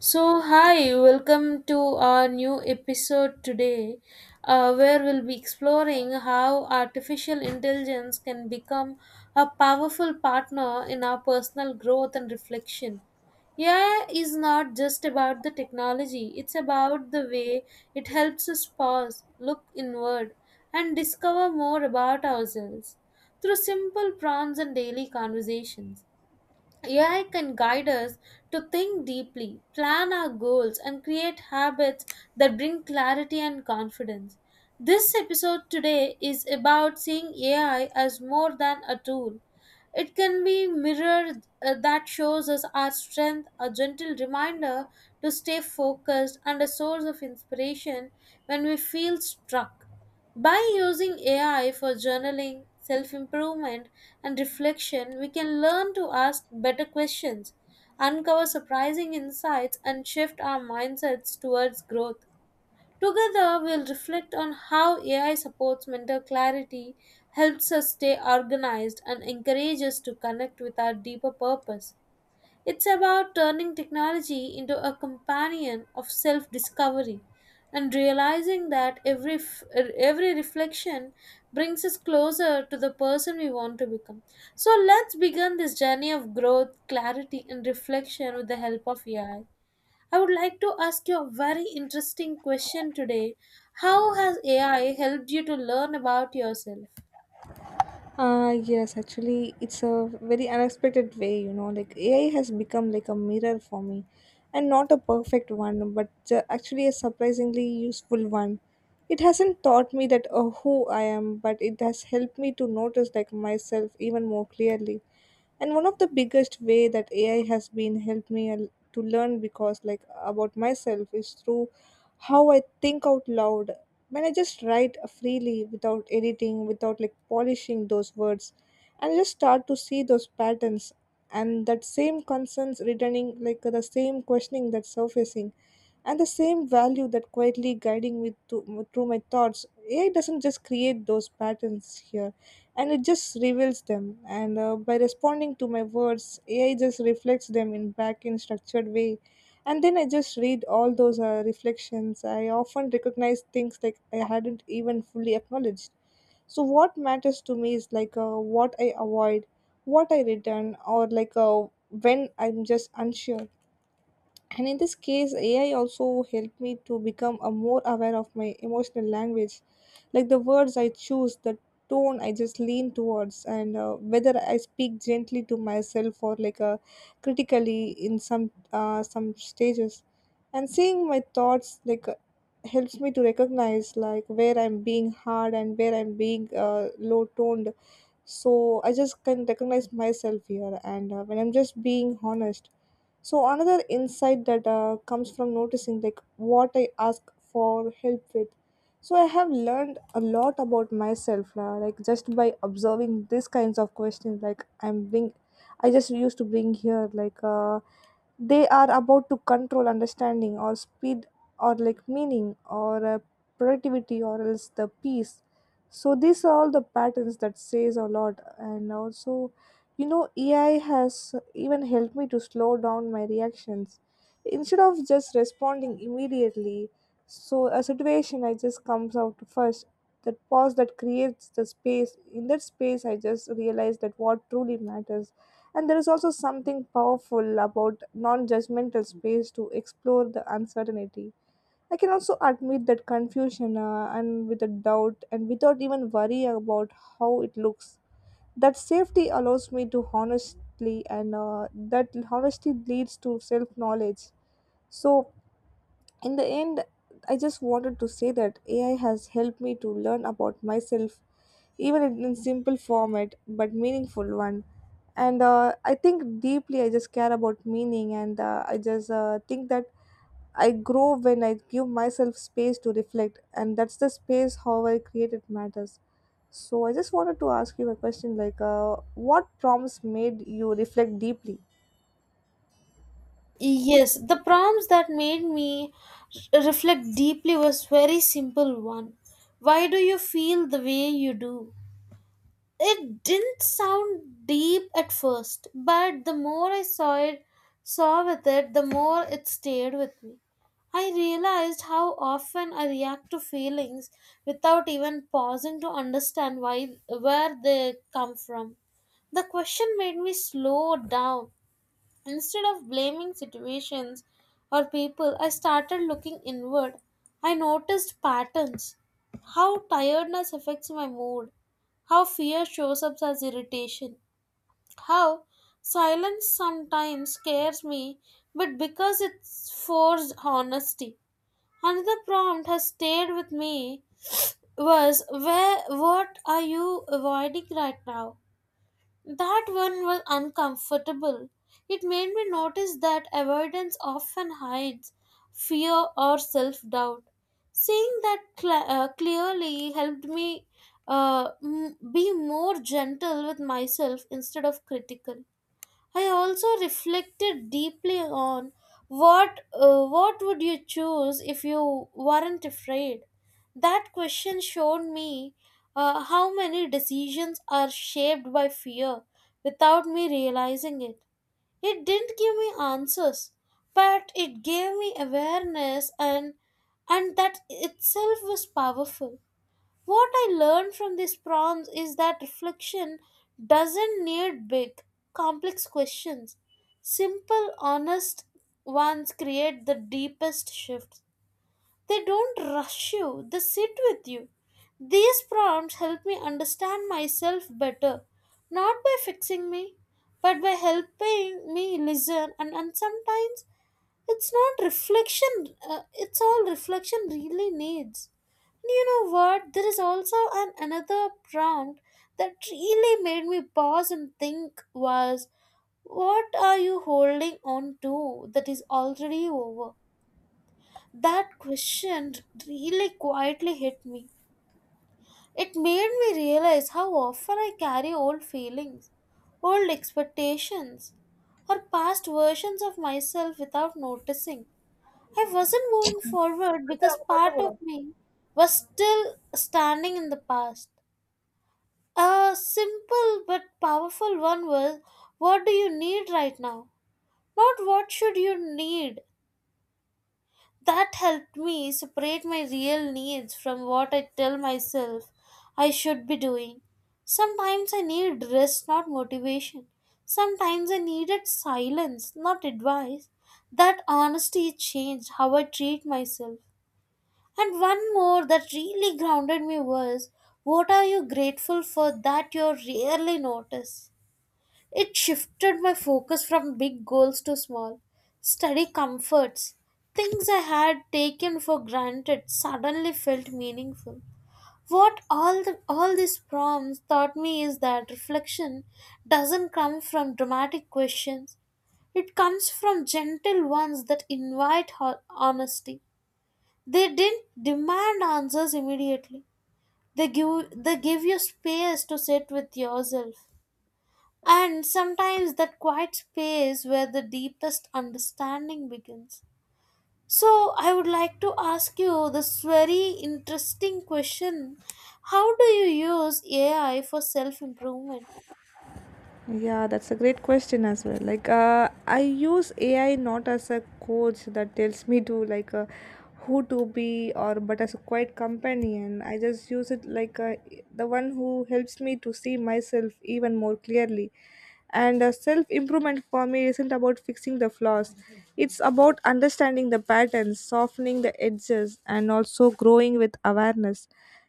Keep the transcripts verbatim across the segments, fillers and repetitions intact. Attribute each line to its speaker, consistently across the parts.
Speaker 1: So, hi, welcome to our new episode today, uh, where we'll be exploring how artificial intelligence can become a powerful partner in our personal growth and reflection. A I is not just about the technology, it's about the way it helps us pause, look inward, and discover more about ourselves through simple prompts and daily conversations. A I can guide us to think deeply, plan our goals, and create habits that bring clarity and confidence. This episode today is about seeing A I as more than a tool. It can be a mirror uh, that shows us our strength, a gentle reminder to stay focused, and a source of inspiration when we feel struck. By using A I for journaling, self improvement, and reflection, we can learn to ask better questions, uncover surprising insights, and shift our mindsets towards growth. Together, we'll reflect on how A I supports mental clarity, helps us stay organized, and encourages us to connect with our deeper purpose. It's about turning technology into a companion of self discovery and realizing that every, f- every reflection brings us closer to the person we want to become. So let's begin this journey of growth, clarity, and reflection with the help of A I. I I would like to ask you a very interesting question today. How has A I helped you to learn about yourself?
Speaker 2: Uh, yes, actually, it's a very unexpected way, you know, like A I has become like a mirror for me and not a perfect one, but uh, actually a surprisingly useful one. It hasn't taught me that uh, who I am, but it has helped me to notice like myself even more clearly, and one of the biggest way that ai has been helped me al- to learn because like about myself is through how I think out loud, when I just write freely without editing, without like polishing those words, and I just start to see those patterns and that same concerns returning, like the same questioning that's surfacing and the same value that quietly guiding me to, through my thoughts. A I doesn't just create those patterns here, and it just reveals them. And uh, By responding to my words, A I just reflects them in back in structured way. And then I just read all those uh, reflections. I often recognize things like I hadn't even fully acknowledged. So what matters to me is like uh, what I avoid, what I return, or like uh, when I'm just unsure. And in this case, A I also helped me to become a more aware of my emotional language, like the words I choose, the tone I just lean towards, and uh, whether I speak gently to myself or like uh, critically in some uh, some stages. And seeing my thoughts like uh, helps me to recognize like where I'm being hard and where I'm being uh, low toned. So I just can recognize myself here, and uh, when I'm just being honest. So another insight that uh, comes from noticing like what I ask for help with. So I have learned a lot about myself, uh, like just by observing these kinds of questions. Like I'm being, I just used to bring here like. Uh, they are about to control understanding, or speed, or like meaning, or uh, productivity, or else the peace. So these are all the patterns that says a lot. And also, you know, ai has even helped me to slow down my reactions instead of just responding immediately. So a situation I just comes out first, that pause that creates the space, in that space I just realized that what truly matters. And there is also something powerful about non judgmental space to explore the uncertainty. I can also admit that confusion uh, and with a doubt and without even worry about how it looks. That safety allows me to honestly, and uh, that honesty leads to self knowledge. So in the end, I just wanted to say that ai has helped me to learn about myself, even in in simple format, but meaningful one. And uh, I think deeply I just care about meaning, and uh, I just uh, think that I grow when I give myself space to reflect, and that's the space how I create it matters. So I just wanted to ask you a question like uh, what prompts made you reflect deeply?
Speaker 1: Yes, the prompts that made me r- reflect deeply was very simple one. Why do you feel the way you do? It didn't sound deep at first, but the more I saw it, saw with it, the more it stayed with me. I realized how often I react to feelings without even pausing to understand why where they come from. The question made me slow down. Instead of blaming situations or people, I started looking inward. I noticed patterns, how tiredness affects my mood, how fear shows up as irritation, how silence sometimes scares me, but because it's forced honesty. Another prompt has stayed with me was where what are you avoiding right now? That one was uncomfortable. It made me notice that avoidance often hides fear or self doubt. Seeing that cl- uh, clearly helped me uh, m- be more gentle with myself instead of critical. I also reflected deeply on what uh, what would you choose if you weren't afraid. That question showed me uh, how many decisions are shaped by fear without me realizing it. It didn't give me answers, but it gave me awareness, and and that itself was powerful. What I learned from these prompts is that reflection doesn't need big, complex questions. Simple, honest ones create the deepest shifts. They don't rush you, they sit with you. These prompts help me understand myself better, not by fixing me, but by helping me listen, and, and sometimes it's not reflection, uh, it's all reflection really needs. You know what? There is also an another prompt that really made me pause and think was what are you holding on to that is already over? That question really quietly hit me. It made me realize how often I carry old feelings, old expectations, or past versions of myself without noticing. I wasn't moving forward because part of me was still standing in the past. A simple but powerful one was what do you need right now? Not what should you need. That helped me separate my real needs from what I tell myself I should be doing. Sometimes I need rest, not motivation. Sometimes I needed silence, not advice. That honesty changed how I treat myself. And one more that really grounded me was what are you grateful for that you rarely notice? It shifted my focus from big goals to small. Study comforts, things I had taken for granted suddenly felt meaningful. What all the, all these prompts taught me is that reflection doesn't come from dramatic questions. It comes from gentle ones that invite ho- honesty. They didn't demand answers immediately. They give they give you space to sit with yourself. And sometimes that quiet space where the deepest understanding begins. So I would like to ask you this very interesting question. How do you use A I for self improvement?
Speaker 2: Yeah, that's a great question as well. Like, uh, I use A I not as a coach that tells me to like uh, who to be, or but as a quiet companion. I just use it like uh, the one who helps me to see myself even more clearly. And uh, self improvement for me isn't about fixing the flaws. It's about understanding the patterns, softening the edges, and also growing with awareness.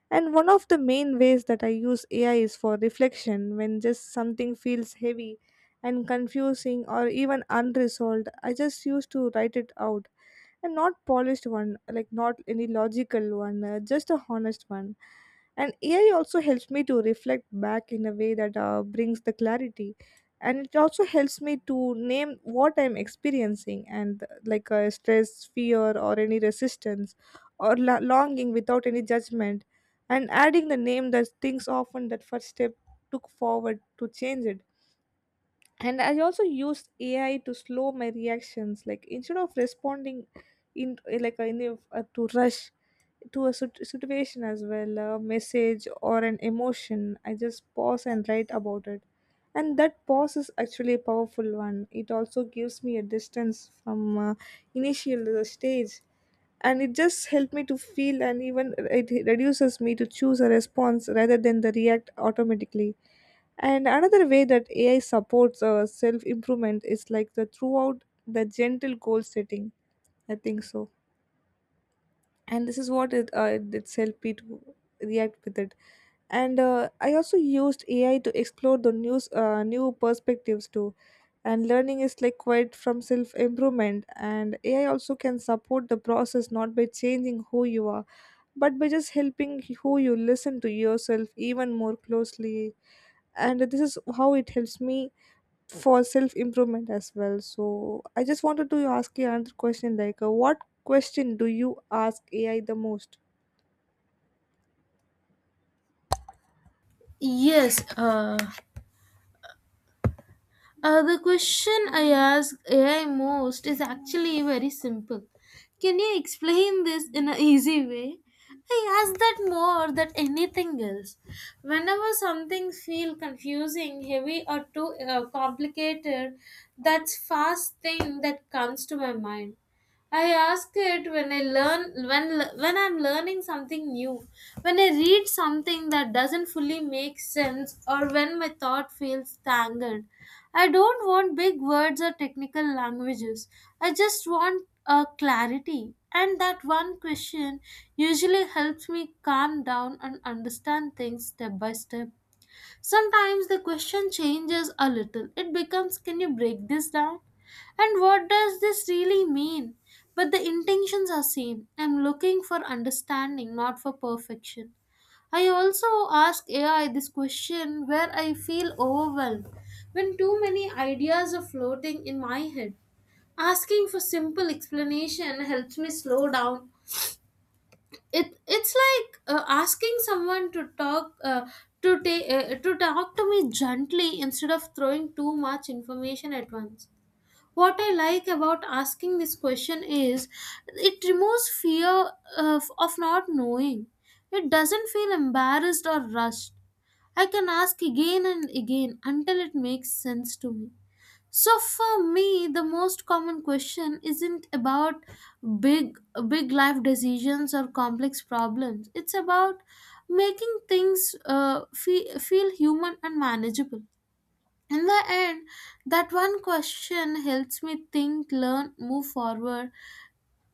Speaker 2: And one of the main ways that I use A I is for reflection when just something feels heavy and confusing or even unresolved. I just used to write it out, and not polished one, like not any logical one, uh, just a honest one. And A I also helps me to reflect back in a way that uh, brings the clarity. And it also helps me to name what I'm experiencing, and uh, like uh, stress, fear, or any resistance or la- longing without any judgment. And adding the name that things often that first step took forward to change it. And I also used ai to slow my reactions, like instead of responding in eh, like in a, uh, to rush to a sit- situation as well, a message or an emotion, I just pause and write about it. And that pause is actually a powerful one. It also gives me a distance from uh, initial uh, stage. And it just helped me to feel, and even it reduces me to choose a response rather than the react automatically. And another way that ai supports uh, self improvement is like the throughout the gentle goal setting, I think so. And this is what it, uh, it it's helped me to react with it. And uh, I also used ai to explore the news uh, new perspectives too. And learning is like quite from self improvement, and ai also can support the process, not by changing who you are, but by just helping who you listen to yourself even more closely. And this is how it helps me for self improvement as well. So I just wanted to ask you another question like uh, what question do you ask A I the most?
Speaker 1: Yes, uh, Uh, the question I ask A I most is actually very simple. Can you explain this in an easy way? I ask that more than anything else. Whenever something feels confusing, heavy, or too uh, complicated, that's first thing that comes to my mind. I ask it when I learn when when I'm learning something new, when I read something that doesn't fully make sense, or when my thought feels tangled. I don't want big words or technical languages. I just want a clarity. And that one question usually helps me calm down and understand things step by step. Sometimes the question changes a little. It becomes, can you break this down? And what does this really mean? But the intentions are same. I'm looking for understanding, not for perfection. I also ask A I this question where I feel overwhelmed when too many ideas are floating in my head. Asking for simple explanation helps me slow down. It it's like uh, asking someone to talk uh, to ta- uh, to talk to me gently instead of throwing too much information at once. What I like about asking this question is it removes fear of, of not knowing. It doesn't feel embarrassed or rushed. I can ask again and again until it makes sense to me. So for me, the most common question isn't about big big life decisions or complex problems. It's about making things uh, feel, feel human and manageable. In the end, that one question helps me think, learn, move forward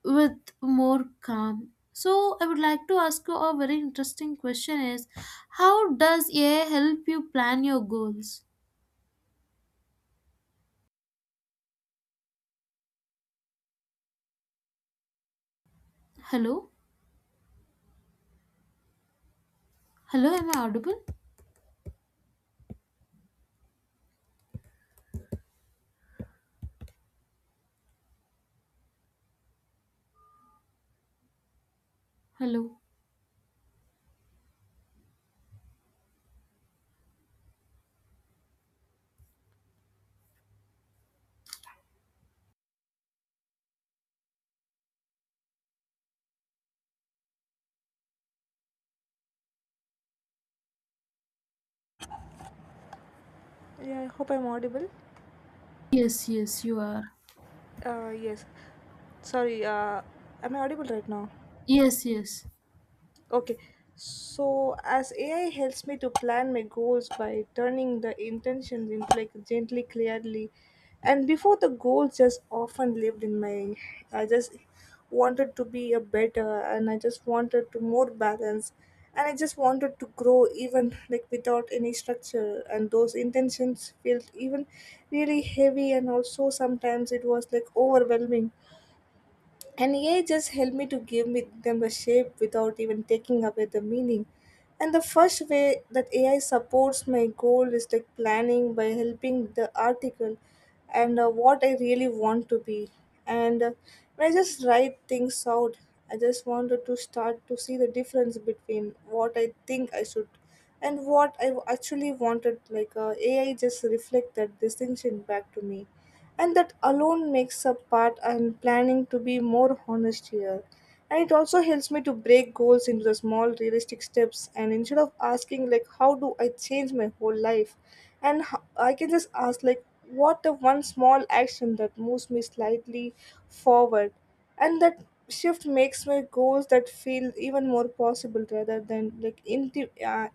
Speaker 1: with more calm. So I would like to ask you a very interesting question is how does A I help you plan your goals? Hello? Hello, am I audible? Hello?
Speaker 2: Yeah, I hope I'm audible.
Speaker 1: Yes, yes, you are.
Speaker 2: Uh yes. Sorry, uh am I audible right now?
Speaker 1: Yes, yes.
Speaker 2: Okay. So as A I helps me to plan my goals by turning the intentions into like gently, clearly, and before the goals just often lived in my, I just wanted to be a better, and I just wanted to more balance, and I just wanted to grow even like without any structure, and those intentions felt even really heavy, and also sometimes it was like overwhelming, and A I just helped me to give me them a shape without even taking away the meaning. And the first way that A I supports my goal is like planning by helping the article and uh, what I really want to be. And uh, when I just write things out, I just wanted to start to see the difference between what I think I should and what I actually wanted. Like uh, A I just reflect that distinction back to me, and that alone makes a part I'm planning to be more honest here. And it also helps me to break goals into the small realistic steps, and instead of asking like how do I change my whole life, and ho- I can just ask like what the one small action that moves me slightly forward. And that shift makes my goals that feel even more possible rather than like inti- uh,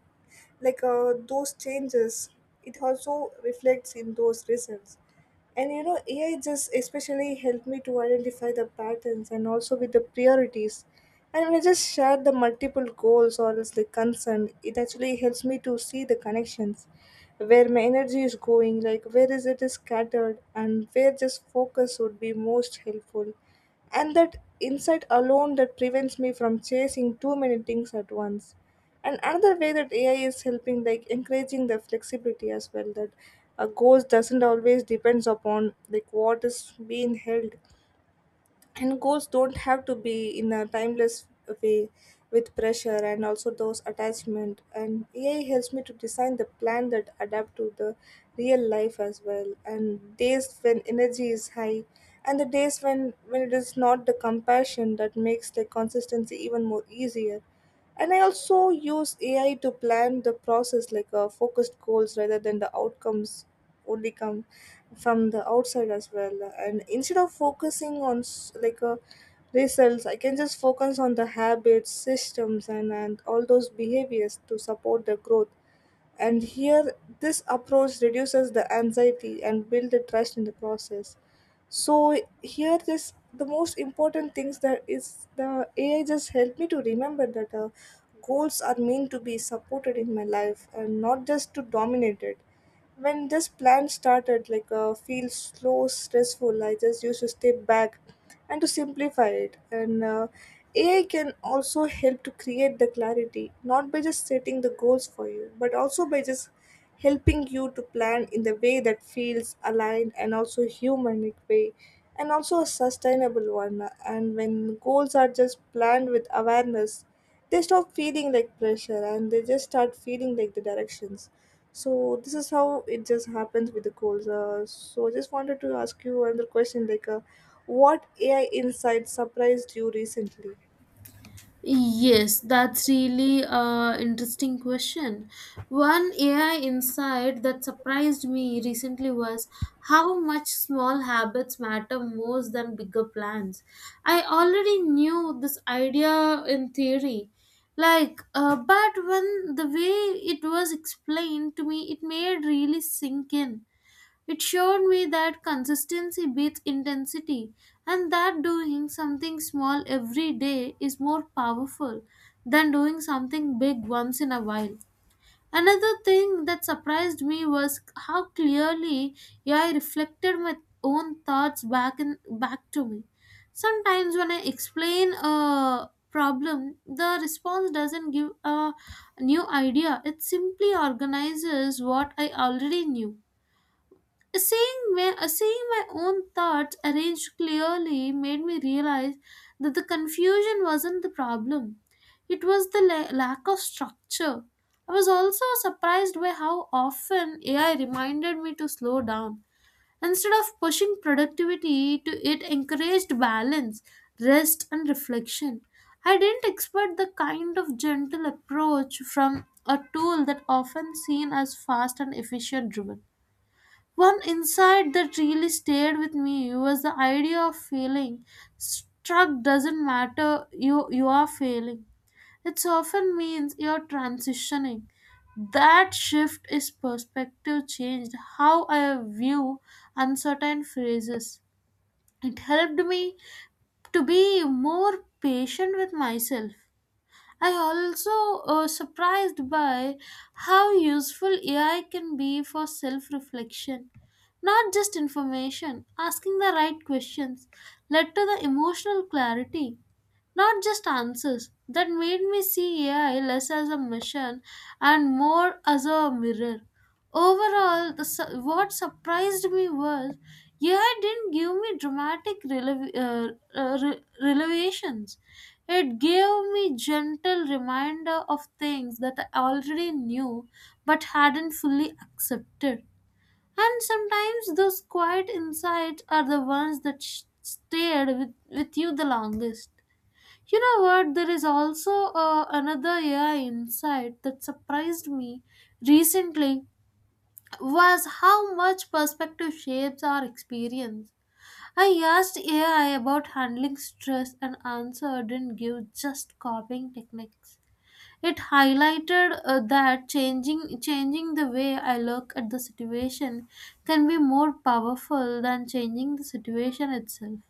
Speaker 2: like uh, those changes. It also reflects in those results. And you know, ai just especially helped me to identify the patterns, and also with the priorities. And when I just share the multiple goals or else the concern, it actually helps me to see the connections, where my energy is going, like where is it is scattered, and where just focus would be most helpful. And that insight alone that prevents me from chasing too many things at once. And another way that ai is helping like encouraging the flexibility as well, that a goals doesn't always depends upon like what is being held, and goals don't have to be in a timeless way with pressure, and also those attachment. And ai helps me to design the plan that adapt to the real life as well, and days when energy is high, and the days when when it is not, the compassion that makes the consistency even more easier. And I also use ai to plan the process, like uh, focused goals rather than the outcomes only come from the outside as well. And instead of focusing on s- like uh, results, I can just focus on the habits, systems, and, and all those behaviors to support the growth. And here, this approach reduces the anxiety and build the trust in the process. So here, this the most important things that is the A I just helped me to remember that uh, goals are meant to be supported in my life and not just to dominate it. When this plan started like uh, feel slow stressful, I just used to step back and to simplify it. And uh, ai can also help to create the clarity, not by just setting the goals for you, but also by just helping you to plan in the way that feels aligned and also humanic way and also a sustainable one. And when goals are just planned with awareness, they stop feeling like pressure and they just start feeling like the directions. So this is how it just happens with the goals. Uh, so I just wanted to ask you another question like uh, what ai insight surprised you recently?
Speaker 1: Yes, that's really a interesting question. One A I insight that surprised me recently was how much small habits matter more than bigger plans. I already knew this idea in theory, like, uh, but when the way it was explained to me, it made really sink in. It showed me that consistency beats intensity and that doing something small every day is more powerful than doing something big once in a while. Another thing that surprised me was how clearly I reflected my own thoughts back in, back to me. Sometimes when I explain a problem, the response doesn't give a new idea. It simply organizes what I already knew. Seeing my, seeing my own thoughts arranged clearly made me realize that the confusion wasn't the problem. It was the la- lack of structure. I was also surprised by how often A I reminded me to slow down. Instead of pushing productivity, to it encouraged balance, rest, and reflection. I didn't expect the kind of gentle approach from a tool that often seen as fast and efficient driven. One insight that really stayed with me was the idea of failing. Struck doesn't matter, you, you are failing. It often means you're transitioning. That shift is perspective changed how I view uncertain phrases. It helped me to be more patient with myself. I also uh, surprised by how useful A I can be for self-reflection. Not just information, asking the right questions led to the emotional clarity. Not just answers. That made me see A I less as a machine and more as a mirror. Overall, the, su- what surprised me was A I didn't give me dramatic relev- uh, uh, re- revelations. It gave me gentle reminder of things that I already knew but hadn't fully accepted. And sometimes those quiet insights are the ones that sh- stayed with, with you the longest. You know what? There is also uh, another A I insight that surprised me recently was how much perspective shapes our experience. I asked A I about handling stress and answer didn't give just copying techniques. It highlighted uh, that changing changing the way I look at the situation can be more powerful than changing the situation itself.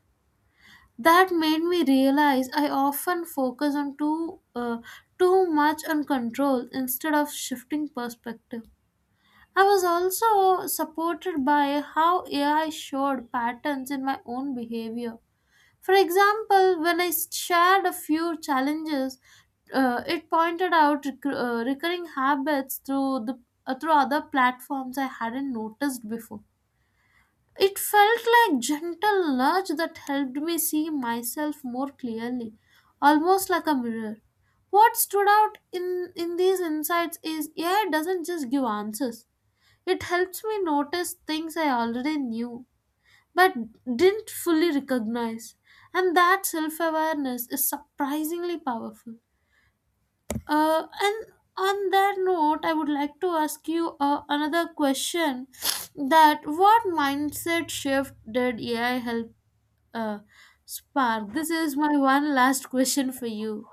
Speaker 1: That made me realize I often focus on too uh, too much on control instead of shifting perspective. I was also supported by how AI showed patterns in my own behavior. For example, when I shared a few challenges, uh, it pointed out rec- uh, recurring habits through the uh, through other platforms I hadn't noticed before. It felt like gentle nudge that helped me see myself more clearly, almost like a mirror. What stood out in, in these insights is A I doesn't just give answers. It helps me notice things I already knew but didn't fully recognize. And that self awareness is surprisingly powerful. Uh, and on that note, I would like to ask you uh, another question: that what mindset shift did A I help uh, spark? This is my one last question for you.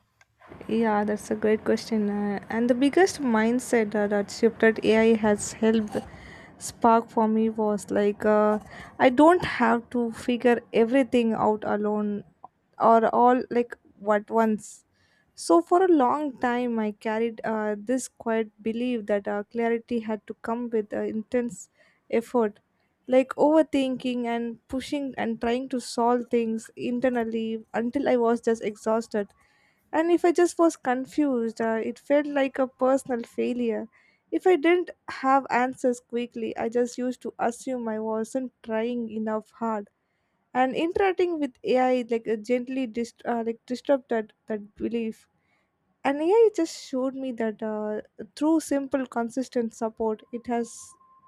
Speaker 2: Yeah, that's a great question. Uh, and the biggest mindset uh, that shift that A I has helped spark for me was like, uh, I don't have to figure everything out alone, or all like at once. So for a long time, I carried uh, this quiet belief that uh, clarity had to come with uh, intense effort, like overthinking and pushing and trying to solve things internally until I was just exhausted. And if I just was confused, uh, it felt like a personal failure. If I didn't have answers quickly, I just used to assume I wasn't trying enough hard. And interacting with A I like uh, gently dist- uh, like disrupted that belief. And A I just showed me that uh, through simple, consistent support, it has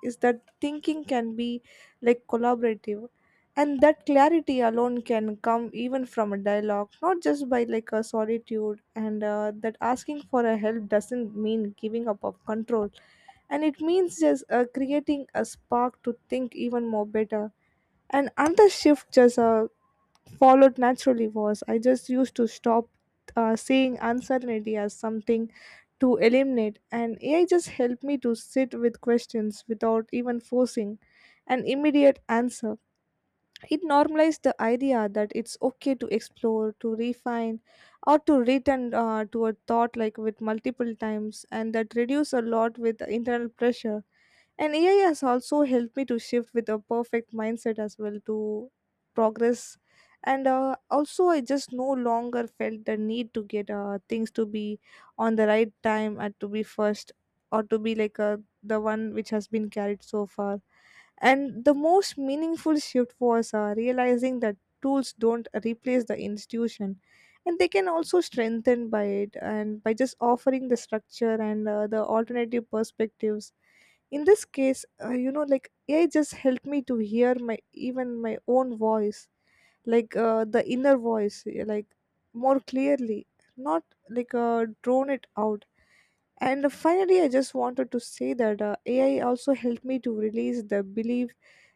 Speaker 2: is that thinking can be like collaborative, and that clarity alone can come even from a dialogue, not just by like a solitude. And uh, that asking for a help doesn't mean giving up of control, and it means just uh, creating a spark to think even more better. And another shift just uh, followed naturally was I just used to stop uh, seeing uncertainty as something to eliminate, and A I just helped me to sit with questions without even forcing an immediate answer. It normalized the idea that it's okay to explore, to refine, or to return uh, to a thought like with multiple times. And that reduced a lot with internal pressure. And A I has also helped me to shift with a perfect mindset as well to progress. And uh, also, I just no longer felt the need to get uh, things to be on the right time and to be first, or to be like uh, the one which has been carried so far. And the most meaningful shift was uh, realizing that tools don't replace the institution, and they can also strengthen by it, and by just offering the structure and uh, the alternative perspectives. In this case, uh, you know, like ai just helped me to hear my even my own voice, like uh, the inner voice, eh, like more clearly, not like uh, drone it out. And finally I just wanted to say that uh, ai also helped me to release the belief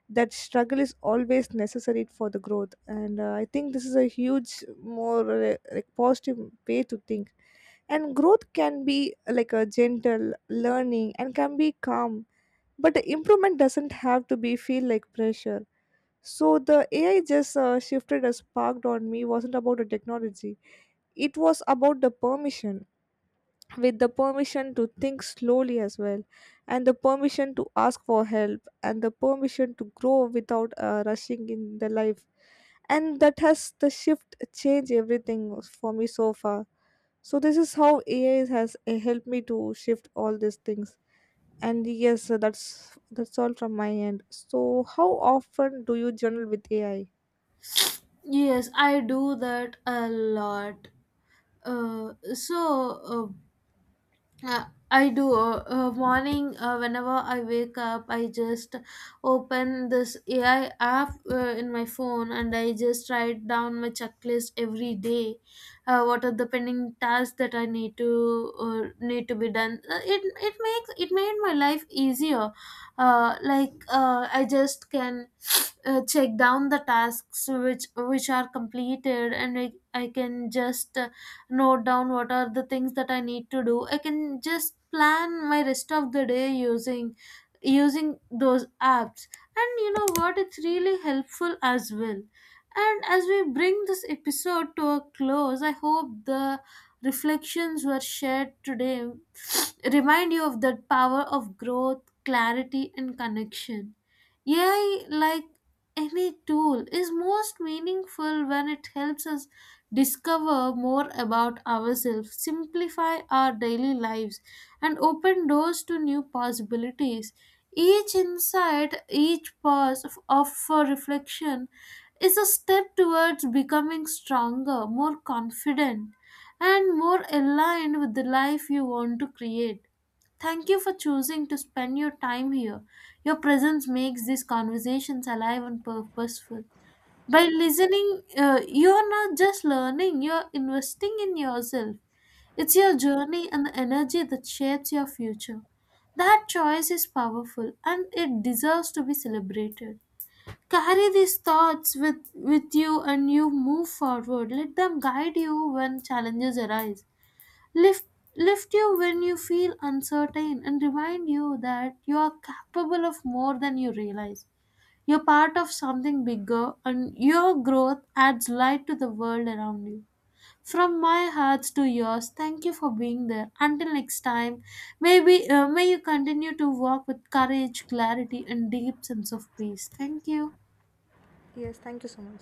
Speaker 2: that struggle is always necessary for the growth. And uh, I think this is a huge more uh, like positive way to think, and growth can be uh, like a gentle learning and can be calm, but improvement doesn't have to be feel like pressure. So the ai just uh, shifted a sparked on me wasn't about the technology, it was about the permission, with the permission to think slowly as well, and the permission to ask for help, and the permission to grow without uh, rushing in the life. And that has the shift change everything for me so far. So this is how ai has uh, helped me to shift all these things. And yes, uh, that's that's all from my end. So how often do you journal with ai?
Speaker 1: Yes, I do that a lot. Uh, so uh. Uh, I do. Uh, uh, morning, uh, whenever I wake up, I just open this A I app uh, in my phone and I just write down my checklist every day. Uh, what are the pending tasks that I need to uh, need to be done? Uh, it it makes it made my life easier. Uh, like uh, I just can uh, check down the tasks which which are completed, and I, I can just note down what are the things that I need to do. I can just plan my rest of the day using using those apps. And you know what? It's really helpful as well. And as we bring this episode to a close, I hope the reflections were shared today remind you of that power of growth, clarity, and connection. A I, like any tool, is most meaningful when it helps us discover more about ourselves, simplify our daily lives, and open doors to new possibilities. Each insight, each pause of, of for reflection is a step towards becoming stronger, more confident, and more aligned with the life you want to create. Thank you for choosing to spend your time here. Your presence makes these conversations alive and purposeful. By listening, uh, you're not just learning, you're investing in yourself. It's your journey and the energy that shapes your future. That choice is powerful and it deserves to be celebrated. Carry these thoughts with, with you and you move forward. Let them guide you when challenges arise. Lift, lift you when you feel uncertain and remind you that you are capable of more than you realize. You're part of something bigger, and your growth adds light to the world around you. From my heart to yours, thank you for being there. Until next time, maybe uh, may you continue to walk with courage, clarity, and deep sense of peace. Thank you.
Speaker 2: Yes, thank you so much.